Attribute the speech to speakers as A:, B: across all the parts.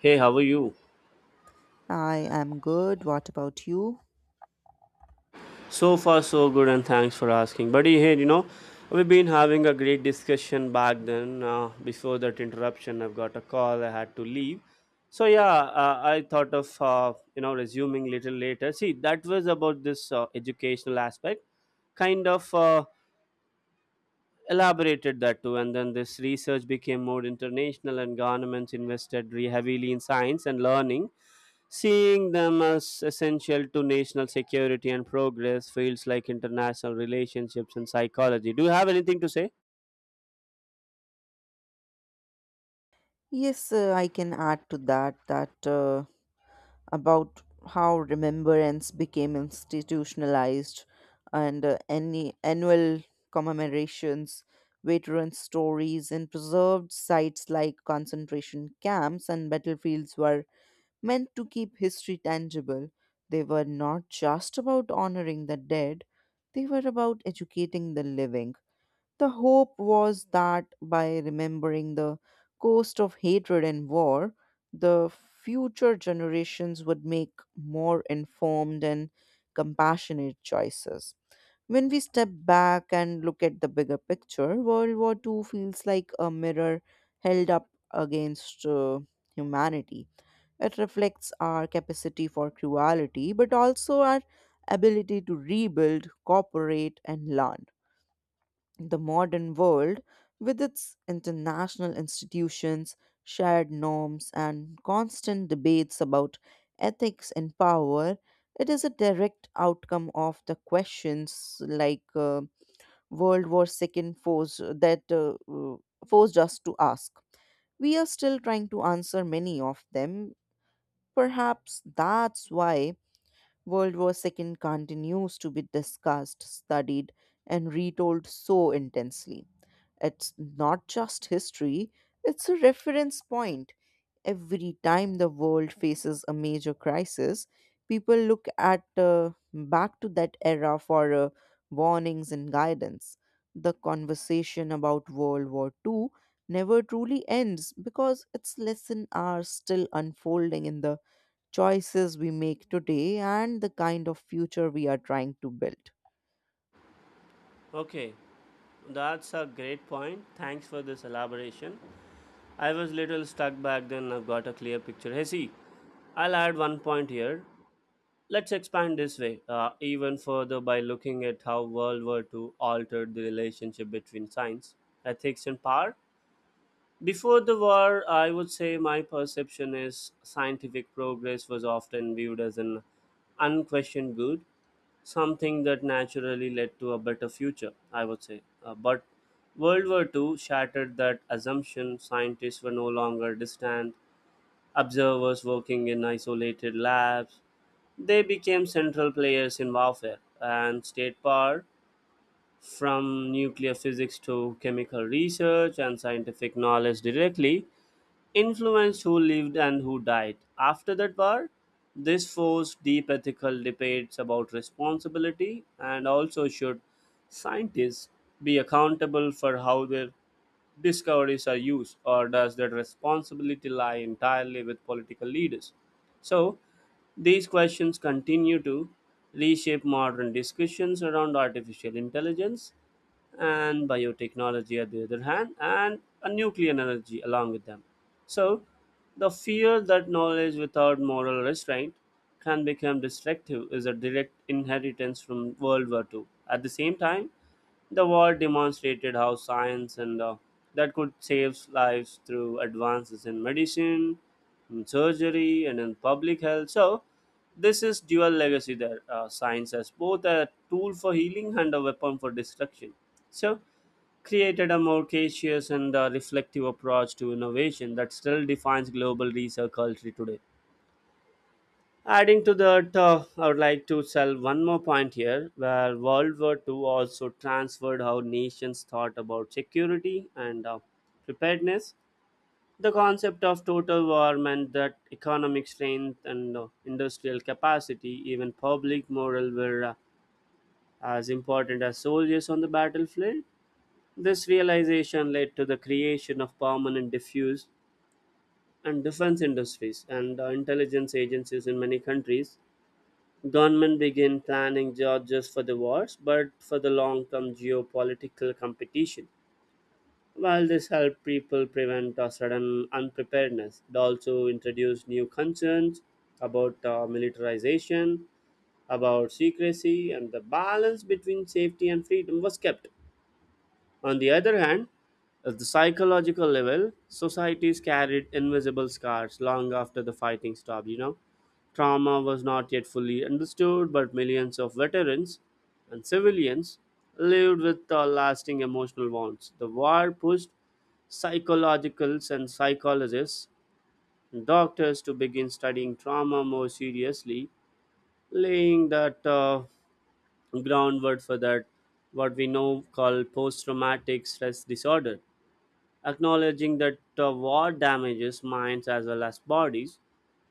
A: Hey, how are you?
B: I am good. What about you?
A: So far, so good, and thanks for asking. Buddy, hey, you know, we've been having a great discussion back then. Before that interruption, I've got a call, I had to leave. So, yeah, I thought of, you know, resuming little later. See, that was about this educational aspect, kind of elaborated that too. And then this research became more international, and governments invested heavily in science and learning, seeing them as essential to national security and progress feels like international relationships and psychology. Do you have anything to say?
B: Yes, I can add to that about how remembrance became institutionalized and any annual commemorations, veterans' stories, and preserved sites like concentration camps and battlefields were meant to keep history tangible. They were not just about honoring the dead, they were about educating the living. The hope was that by remembering the cost of hatred and war, the future generations would make more informed and compassionate choices. When we step back and look at the bigger picture, World War II feels like a mirror held up against humanity. It reflects our capacity for cruelty, but also our ability to rebuild, cooperate, and learn. The modern world, with its international institutions, shared norms, and constant debates about ethics and power, it is a direct outcome of the questions like World War II forced that forced us to ask. We are still trying to answer many of them. Perhaps that's why World War II continues to be discussed, studied, and retold so intensely. It's not just history, it's a reference point. Every time the world faces a major crisis, people look at back to that era for warnings and guidance. The conversation about World War II never truly ends because its lessons are still unfolding in the choices we make today and the kind of future we are trying to build.
A: Okay, that's a great point. Thanks for this elaboration. I was little stuck back then. I've got a clear picture. Hey, see, I'll add one point here. Let's expand this way even further by looking at how World War II altered the relationship between science, ethics, and power. Before the war, I would say my perception is scientific progress was often viewed as an unquestioned good, something that naturally led to a better future, I would say. But World War Two shattered that assumption. Scientists were no longer distant observers working in isolated labs. They became central players in warfare and state power. From nuclear physics to chemical research and scientific knowledge directly influenced who lived and who died. After that war, this forced deep ethical debates about responsibility and also should scientists be accountable for how their discoveries are used, or does that responsibility lie entirely with political leaders? So, these questions continue to reshape modern discussions around artificial intelligence and biotechnology at the other hand, and a nuclear energy along with them. So, the fear that knowledge without moral restraint can become destructive is a direct inheritance from World War Two. At the same time, the war demonstrated how science and that could save lives through advances in medicine, in surgery, and in public health. So, this is dual legacy there. Science as both a tool for healing and a weapon for destruction. So, created a more cautious and reflective approach to innovation that still defines global research culture today. Adding to that, I would like to sell one more point here, where World War II also transferred how nations thought about security and preparedness. The concept of total war meant that economic strength and industrial capacity, even public morale, were as important as soldiers on the battlefield. This realization led to the creation of permanent diffuse and defense industries and intelligence agencies in many countries. Government began planning not just for the wars but for the long-term geopolitical competition. While this helped people prevent a sudden unpreparedness, it also introduced new concerns about militarization, about secrecy, and the balance between safety and freedom was kept. On the other hand, at the psychological level, societies carried invisible scars long after the fighting stopped, you know. Trauma was not yet fully understood, but millions of veterans and civilians lived with lasting emotional wounds. The war pushed psychologicals and psychologists and doctors to begin studying trauma more seriously, laying that groundwork for that what we know called post-traumatic stress disorder, acknowledging that the war damages minds as well as bodies,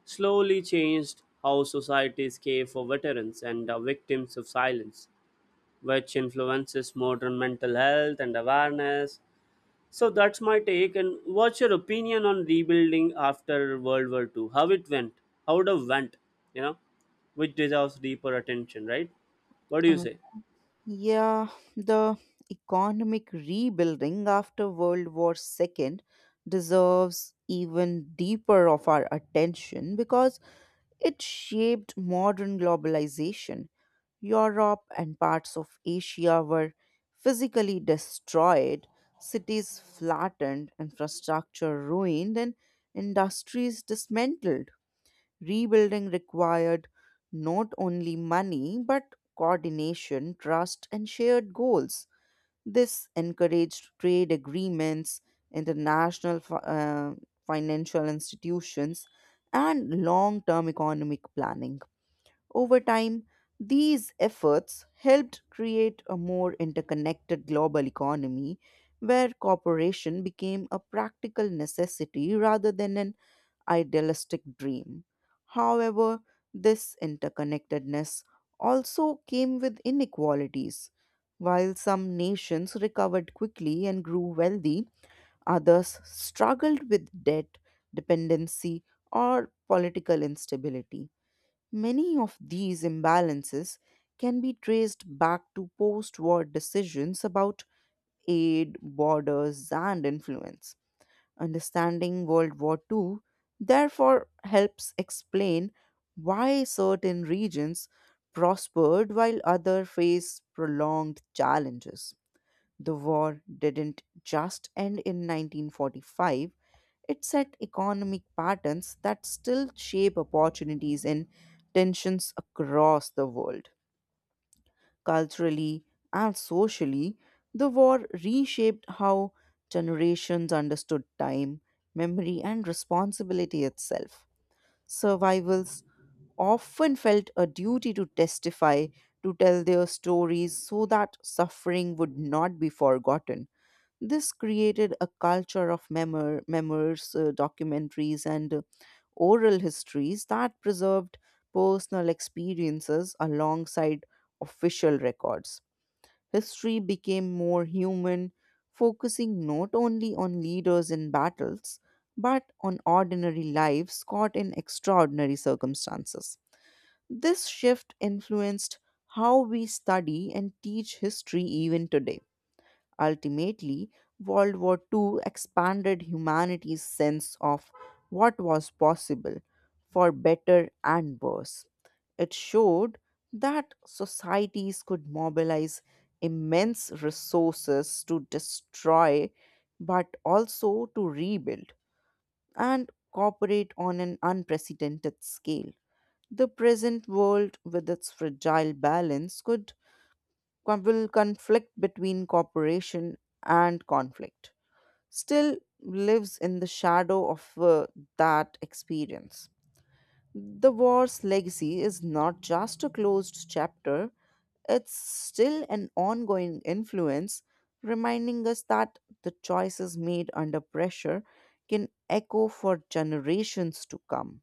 A: slowly changed how societies care for veterans and the victims of silence, which influences modern mental health and awareness. So that's my take. And what's your opinion on rebuilding after World War II? How it went? How it went? You know, which deserves deeper attention, right? What do you say?
B: Yeah, the economic rebuilding after World War II deserves even deeper of our attention because it shaped modern globalization. Europe and parts of Asia were physically destroyed, cities flattened, infrastructure ruined, and industries dismantled. Rebuilding required not only money, but coordination, trust, and shared goals. This encouraged trade agreements, international fi- uh, financial institutions, and long term economic planning. Over time, these efforts helped create a more interconnected global economy where cooperation became a practical necessity rather than an idealistic dream. However, this interconnectedness also came with inequalities. While some nations recovered quickly and grew wealthy, others struggled with debt, dependency, or political instability. Many of these imbalances can be traced back to post war decisions about aid, borders, and influence. Understanding World War II therefore helps explain why certain regions prospered while others faced prolonged challenges. The war didn't just end in 1945, it set economic patterns that still shape opportunities and tensions across the world culturally, and socially, the war reshaped how generations understood time, memory, and responsibility itself. Survivals often felt a duty to testify, to tell their stories so that suffering would not be forgotten. This created a culture of memoirs, documentaries, and oral histories that preserved personal experiences alongside official records. History became more human, focusing not only on leaders and battles, but on ordinary lives caught in extraordinary circumstances. This shift influenced how we study and teach history even today. Ultimately, World War II expanded humanity's sense of what was possible, for better and worse. It showed that societies could mobilize immense resources to destroy, but also to rebuild and cooperate on an unprecedented scale. The present world, with its fragile balance, will conflict between cooperation and conflict still lives in the shadow of that experience. The war's legacy is not just a closed chapter, it's still an ongoing influence, reminding us that the choices made under pressure can echo for generations to come.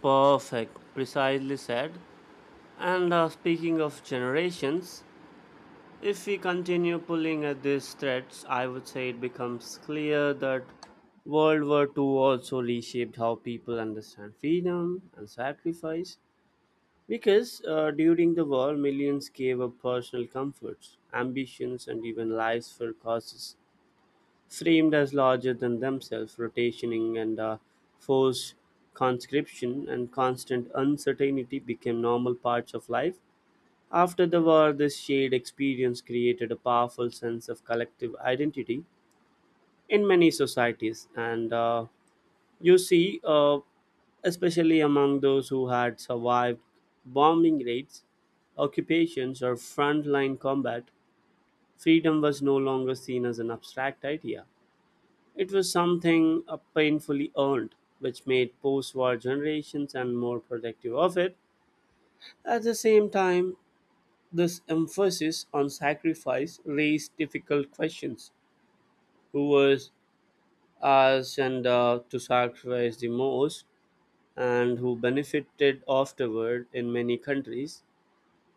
A: Perfect, precisely said. And speaking of generations, if we continue pulling at these threads, I would say it becomes clear that World War II also reshaped how people understand freedom and sacrifice. Because during the war, millions gave up personal comforts, ambitions, and even lives for causes framed as larger than themselves, rotationing and forced conscription and constant uncertainty became normal parts of life after the war, this shared experience created a powerful sense of collective identity in many societies, and you see, especially among those who had survived bombing raids, occupations, or frontline combat, freedom was no longer seen as an abstract idea. It was something painfully earned, which made post war generations and more protective of it. At the same time, this emphasis on sacrifice raised difficult questions. Who was asked and to sacrifice the most, and who benefited afterward in many countries?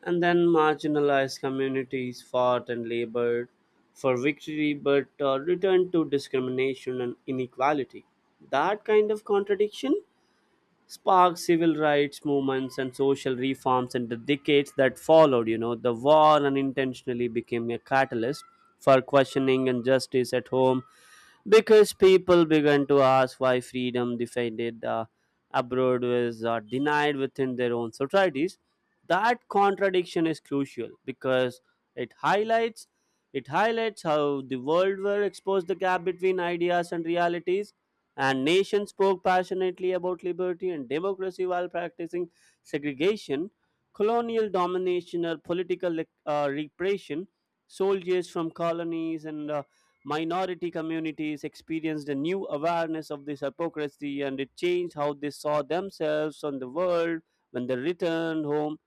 A: And then marginalized communities fought and labored for victory but returned to discrimination and inequality. That kind of contradiction sparked civil rights movements and social reforms in the decades that followed. You know, the war unintentionally became a catalyst for questioning injustice at home because people began to ask why freedom defended abroad was denied within their own societies. That contradiction is crucial because it highlights it highlights how the world war exposed the gap between ideas and realities and nations spoke passionately about liberty and democracy while practicing segregation, colonial domination, or political repression. Soldiers from colonies and minority communities experienced a new awareness of this hypocrisy and it changed how they saw themselves on the world when they returned home.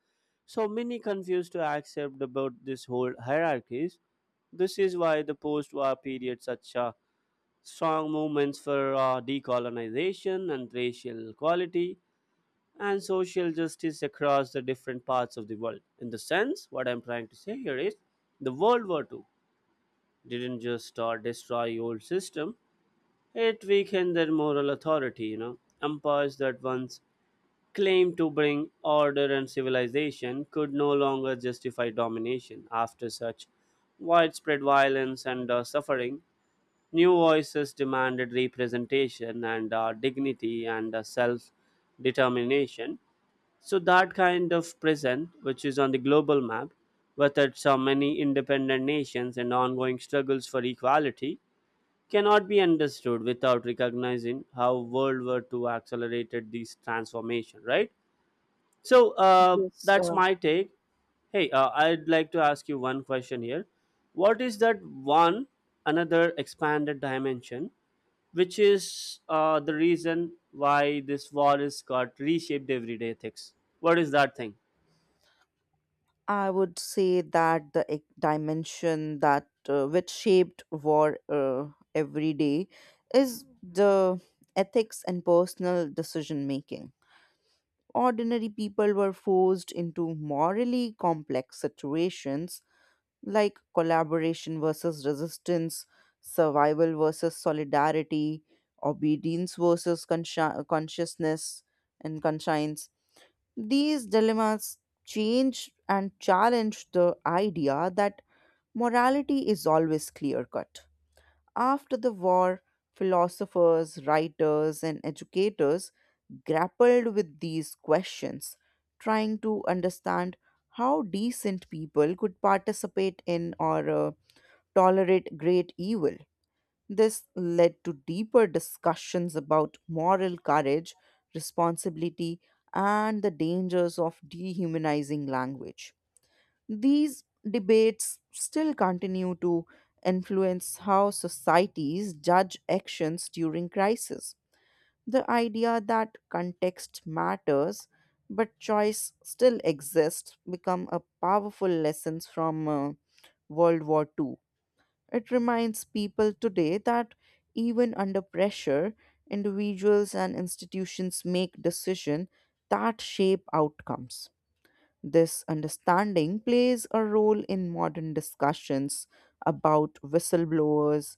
A: So many confused to accept about this whole hierarchies. This is why the post-war period such a strong movements for decolonization and racial equality and social justice across the different parts of the world. In the sense, what I'm trying to say here is the World War II didn't just destroy old system, it weakened their moral authority, you know. Empires that once claimed to bring order and civilization could no longer justify domination after such widespread violence and suffering. New voices demanded representation and dignity and self determination. So, that kind of present, which is on the global map, with its many independent nations and ongoing struggles for equality, cannot be understood without recognizing how World War Two accelerated these transformation, right? So, uh,
B: Yes,
A: that's my take. Hey, I'd like to ask you one question here. What is that one another expanded dimension which is the reason why this war is got reshaped everyday ethics. What is that thing?
B: I would say that the dimension that which shaped war every day is the ethics and personal decision making. Ordinary people were forced into morally complex situations like collaboration versus resistance, survival versus solidarity, obedience versus consciousness and conscience. These dilemmas change and challenge the idea that morality is always clear cut. After the war, philosophers, writers, and educators grappled with these questions, trying to understand how decent people could participate in or tolerate great evil. This led to deeper discussions about moral courage, responsibility, and the dangers of dehumanizing language. These debates still continue to influence how societies judge actions during crisis. The idea that context matters but choice still exists become a powerful lesson from World War Two. It reminds people today that even under pressure, individuals and institutions make decisions that shape outcomes. This understanding plays a role in modern discussions about whistleblowers,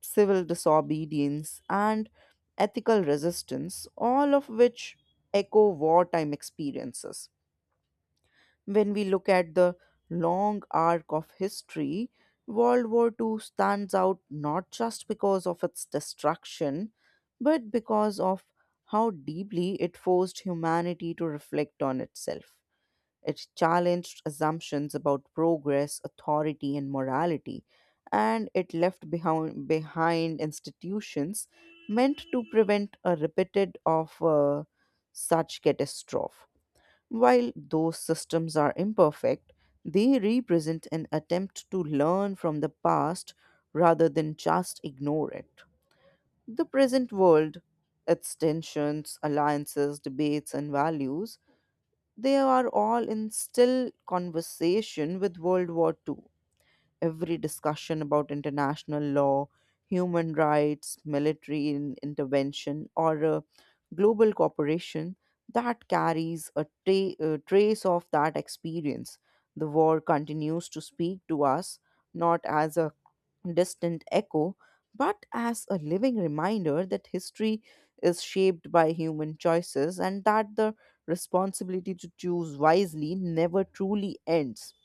B: civil disobedience, and ethical resistance, all of which echo wartime experiences. When we look at the long arc of history, World War II stands out not just because of its destruction, but because of how deeply it forced humanity to reflect on itself. It challenged assumptions about progress, authority, and morality, and it left behind institutions meant to prevent a repeated of such catastrophe. While those systems are imperfect, they represent an attempt to learn from the past rather than just ignore it. The present world, its tensions, alliances, debates, and values, they are all in still conversation with World War II. Every discussion about international law, human rights, intervention, or global cooperation that carries a trace of that experience. The war continues to speak to us not as a distant echo, but as a living reminder that history is shaped by human choices and that the responsibility to choose wisely never truly ends.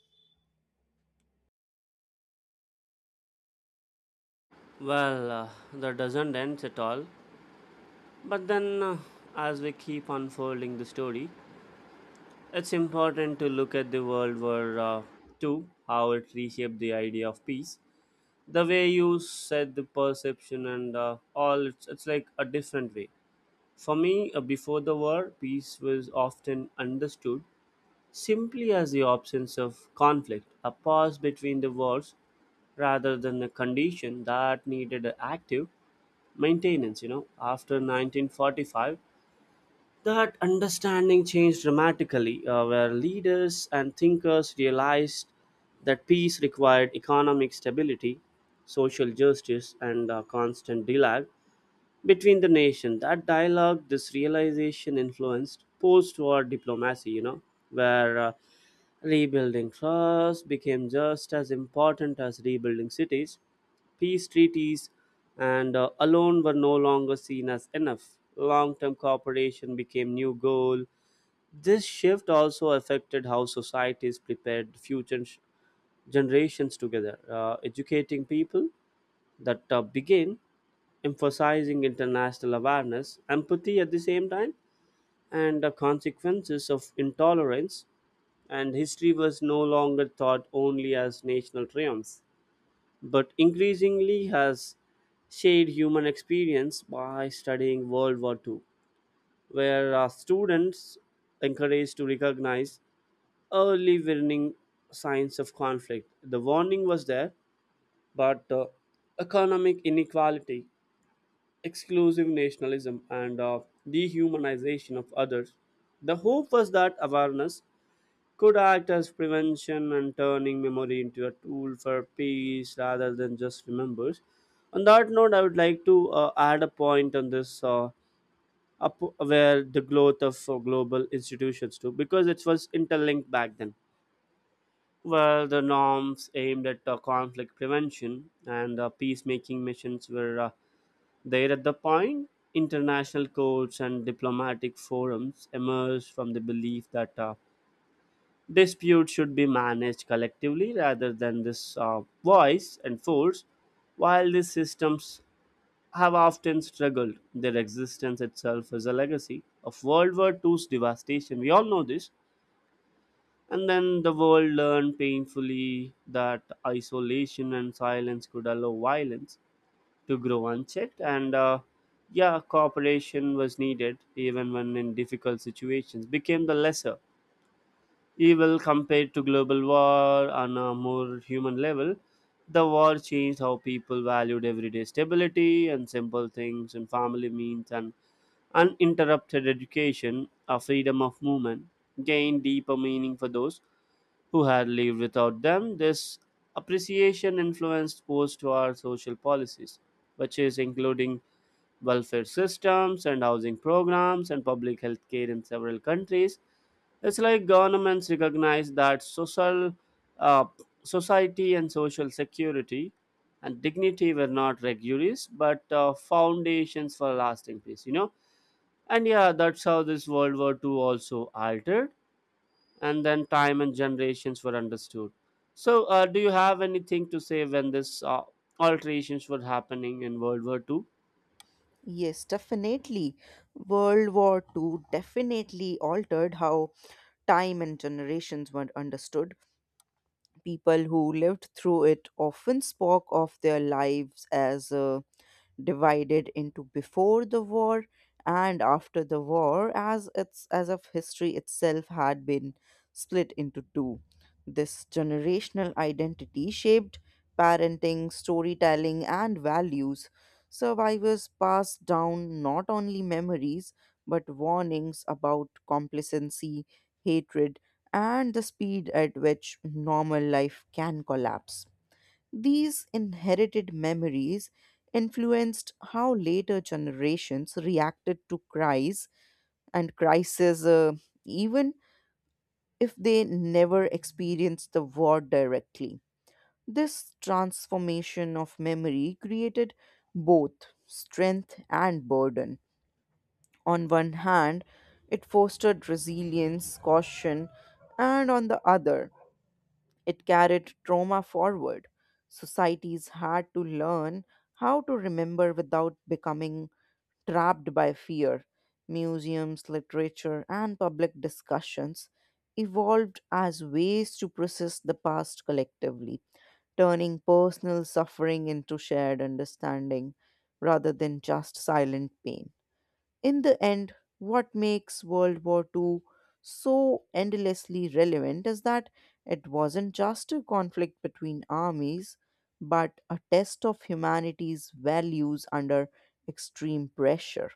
A: Well, that doesn't end at all. But then, as we keep unfolding the story, it's important to look at the World War II, how it reshaped the idea of peace. The way you said the perception and all, it's like a different way. For me, before the war, peace was often understood simply as the absence of conflict, a pause between the wars, rather than a condition that needed active maintenance. You know, after 1945, that understanding changed dramatically, where leaders and thinkers realized that peace required economic stability, social justice, and constant dialogue between the nation that dialogue this realization influenced post-war diplomacy, you know, where rebuilding trust became just as important as rebuilding cities peace treaties and alone were no longer seen as enough long-term cooperation became new goal this shift also affected how societies prepared future generations together educating people that began emphasizing international awareness, empathy at the same time, and the consequences of intolerance. And history was no longer thought only as national triumphs, but increasingly has shared human experience by studying World War II, where our students encouraged to recognize early warning signs of conflict. The warning was there, but economic inequality exclusive nationalism and of dehumanization of others. The hope was that awareness could act as prevention and turning memory into a tool for peace rather than just remembers. On that note, I would like to add a point on this up where the growth of global institutions too, because it was interlinked back then. Well, the norms aimed at conflict prevention and peacemaking missions were there at the point, international courts and diplomatic forums emerged from the belief that disputes should be managed collectively rather than this voice and force. While these systems have often struggled, their existence itself is a legacy of World War II's devastation. We all know this. And then the world learned painfully that isolation and silence could allow violence to grow unchecked and yeah cooperation was needed even when in difficult situations became the lesser evil compared to global war on a more human level the war changed how people valued everyday stability and simple things and family means and uninterrupted education a freedom of movement gained deeper meaning for those who had lived without them this appreciation influenced post-war social policies which is including welfare systems and housing programs and public health care in several countries. It's like governments recognize that social uh, society and social security and dignity were not regulars but foundations for lasting peace, you know. And yeah, that's how this World War II also altered, and then time and generations were understood. So, do you have anything to say when this alterations were happening in World War II?
B: Yes, definitely. World War Two definitely altered how time and generations were understood. People who lived through it often spoke of their lives as divided into before the war and after the war, as it's as if history itself had been split into two. This generational identity shaped parenting, storytelling, and values. Survivors passed down not only memories but warnings about complacency, hatred, and the speed at which normal life can collapse. These inherited memories influenced how later generations reacted to cries and crises, even if they never experienced the war directly. This transformation of memory created both strength and burden. On one hand, it fostered resilience, caution, and on the other, it carried trauma forward. Societies had to learn how to remember without becoming trapped by fear. Museums, literature, and public discussions evolved as ways to process the past collectively, turning personal suffering into shared understanding rather than just silent pain. In the end, what makes World War II so endlessly relevant is that it wasn't just a conflict between armies, but a test of humanity's values under extreme pressure.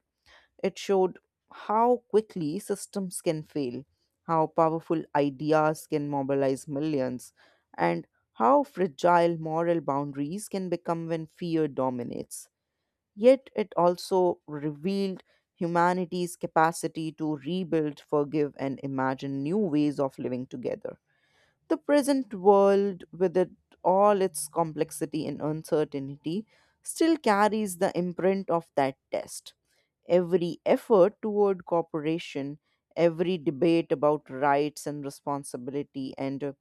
B: It showed how quickly systems can fail, how powerful ideas can mobilize millions, and how fragile moral boundaries can become when fear dominates. Yet it also revealed humanity's capacity to rebuild, forgive, and imagine new ways of living together. The present world, with it, all its complexity and uncertainty, still carries the imprint of that test. Every effort toward cooperation, every debate about rights and responsibility, and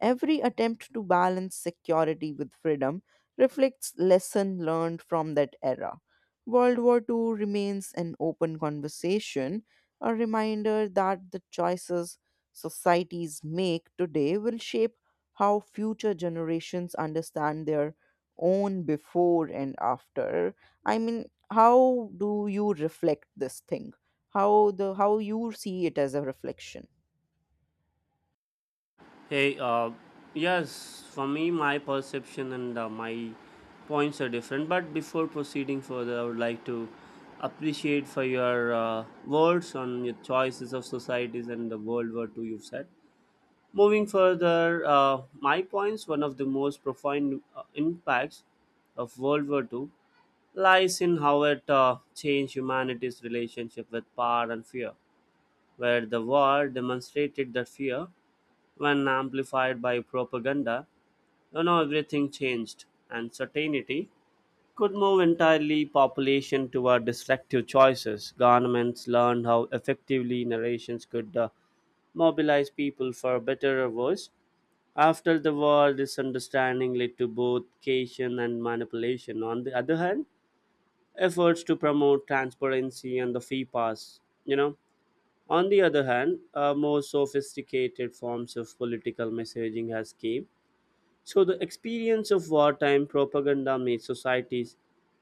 B: every attempt to balance security with freedom reflects lesson learned from that era. World War II remains an open conversation, a reminder that the choices societies make today will shape how future generations understand their own before and after. I mean, how do you reflect this thing? How you see it as a reflection?
A: Hey, uh, yes, for me, my perception and my points are different. But before proceeding further, I would like to appreciate for your words on your choices of societies and the World War II you've said. Moving further, my points, one of the most profound impacts of World War II lies in how it changed humanity's relationship with power and fear, where the war demonstrated that fear when amplified by propaganda, everything changed, and certainty could move entirely population toward destructive choices. Governments learned how effectively narrations could mobilize people for a better voice. After the war, this understanding led to both cation and manipulation. On the other hand, efforts to promote transparency and the fee pass, on the other hand, more sophisticated forms of political messaging has came. So, the experience of wartime propaganda made societies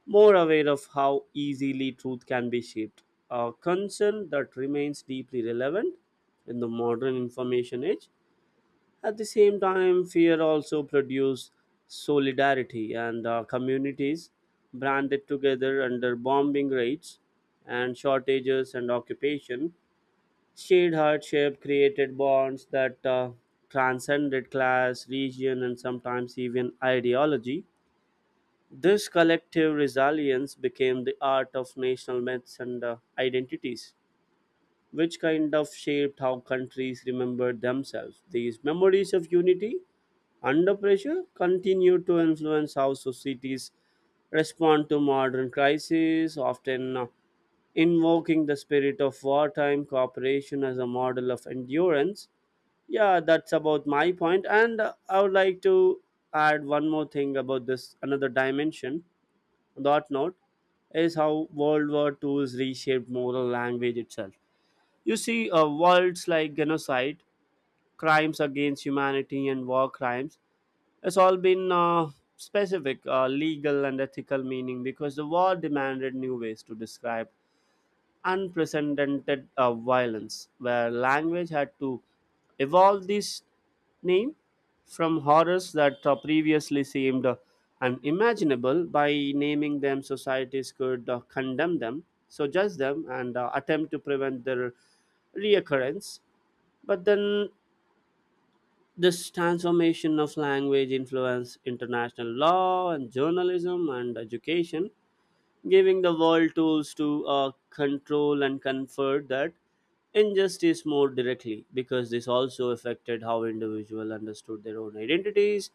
A: more aware of how easily truth can be shaped, a concern that remains deeply relevant in the modern information age. At the same time, fear also produced solidarity and communities branded together under bombing raids and shortages and occupation. Shared hardship created bonds that transcended class, region, and sometimes even ideology. This collective resilience became the art of national myths and identities, which kind of shaped how countries remembered themselves. These memories of unity under pressure continue to influence how societies respond to modern crises, often invoking the spirit of wartime cooperation as a model of endurance. Yeah, that's about my point, and I would like to add one more thing about this another dimension that note is how World War II has reshaped moral language itself. You see, words like genocide, crimes against humanity, and war crimes has all been specific legal and ethical meaning because the war demanded new ways to describe unprecedented violence, where language had to evolve this name from horrors that previously seemed unimaginable. By naming them, societies could condemn them, so judge them, and attempt to prevent their reoccurrence. But then this transformation of language influenced international law and journalism and education, giving the world tools to control and comfort that injustice more directly, because this also affected how individuals understood their own identities.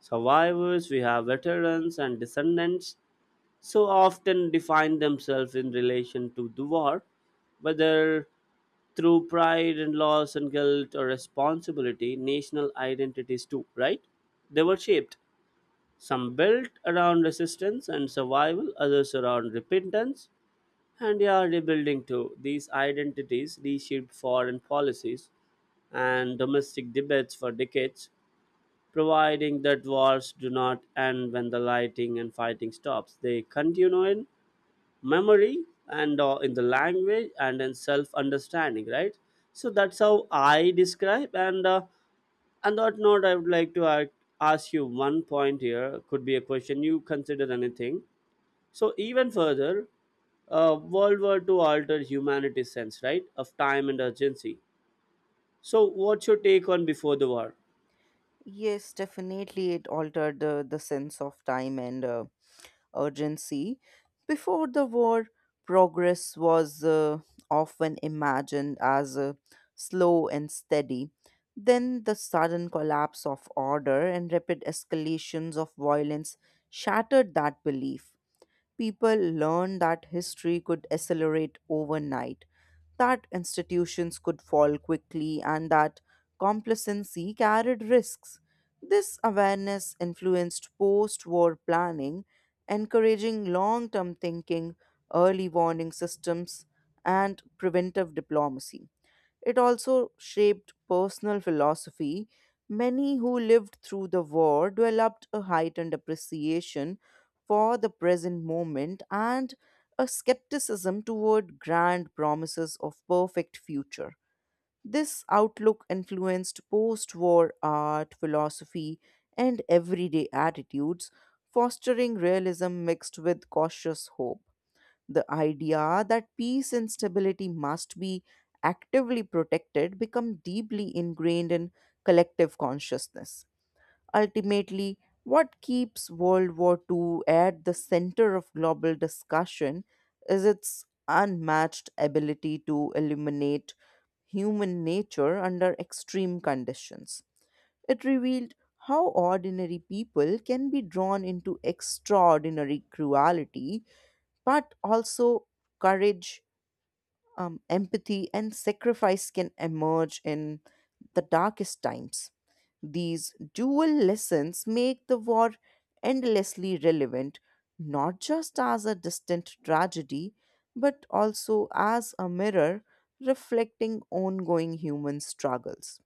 A: Survivors, we have veterans and descendants, so often define themselves in relation to the war, whether through pride and loss and guilt or responsibility. National identities too, right? They were shaped, some built around resistance and survival, others around repentance and yeah, rebuilding too. These identities reshaped foreign policies and domestic debates for decades, providing that wars do not end when the lighting and fighting stops. They continue in memory and in the language and in self understanding, right? So that's how I describe. And on that note, I would like to ask you one point here. Could be a question. You consider anything. So even further, World War II altered humanity's sense, right, of time and urgency. So what's your take on before the war?
B: Yes, definitely it altered the sense of time and urgency. Before the war, progress was often imagined as slow and steady. Then the sudden collapse of order and rapid escalations of violence shattered that belief. People learned that history could accelerate overnight, that institutions could fall quickly, and that complacency carried risks. This awareness influenced post war planning, encouraging long term thinking, early warning systems, and preventive diplomacy. It also shaped personal philosophy. Many who lived through the war developed a heightened appreciation for the present moment and a skepticism toward grand promises of perfect future. This outlook influenced post war art, philosophy, and everyday attitudes, fostering realism mixed with cautious hope. The idea that peace and stability must be actively protected become deeply ingrained in collective consciousness. Ultimately, what keeps World War II at the center of global discussion is its unmatched ability to illuminate human nature under extreme conditions. It revealed how ordinary people can be drawn into extraordinary cruelty, but also courage, empathy, and sacrifice can emerge in the darkest times. These dual lessons make the war endlessly relevant, not just as a distant tragedy, but also as a mirror reflecting ongoing human struggles.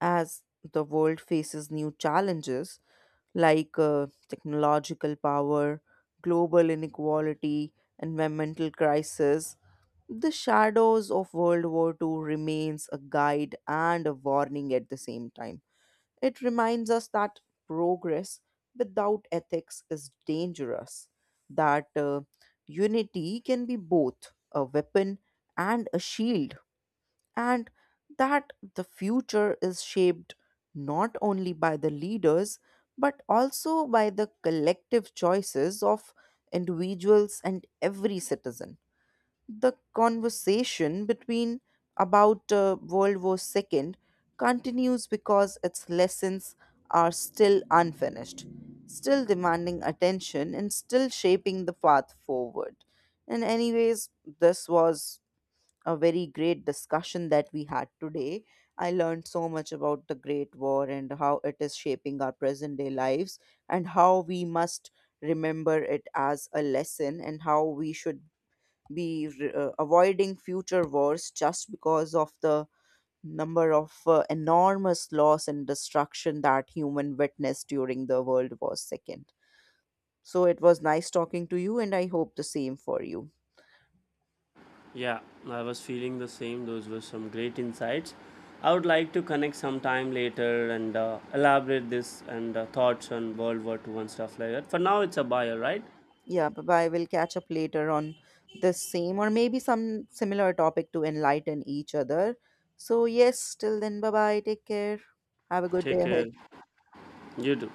B: As the world faces new challenges, like technological power, global inequality, environmental crisis, the shadows of World War II remains a guide and a warning at the same time. It reminds us that progress without ethics is dangerous, that unity can be both a weapon and a shield, and that the future is shaped not only by the leaders but also by the collective choices of individuals and every citizen. The conversation between about World War II continues because its lessons are still unfinished, still demanding attention, and still shaping the path forward. And anyways, this was a very great discussion that we had today. I learned so much about the Great War and how it is shaping our present day lives and how we must remember it as a lesson and how we should be avoiding future wars just because of the number of enormous loss and destruction that human witnessed during the World War Second. So it was nice talking to you and I hope the same for you.
A: Yeah, I was feeling the same. Those were some great insights. I would like to connect sometime later and elaborate this and thoughts on World War Two and stuff like that. For now, it's a buyer, right?
B: Yeah, bye bye. We'll catch up later on this same or maybe some similar topic to enlighten each other. So, yes, till then, bye bye. Take care. Have a good day
A: Take
B: ahead.
A: care. You do.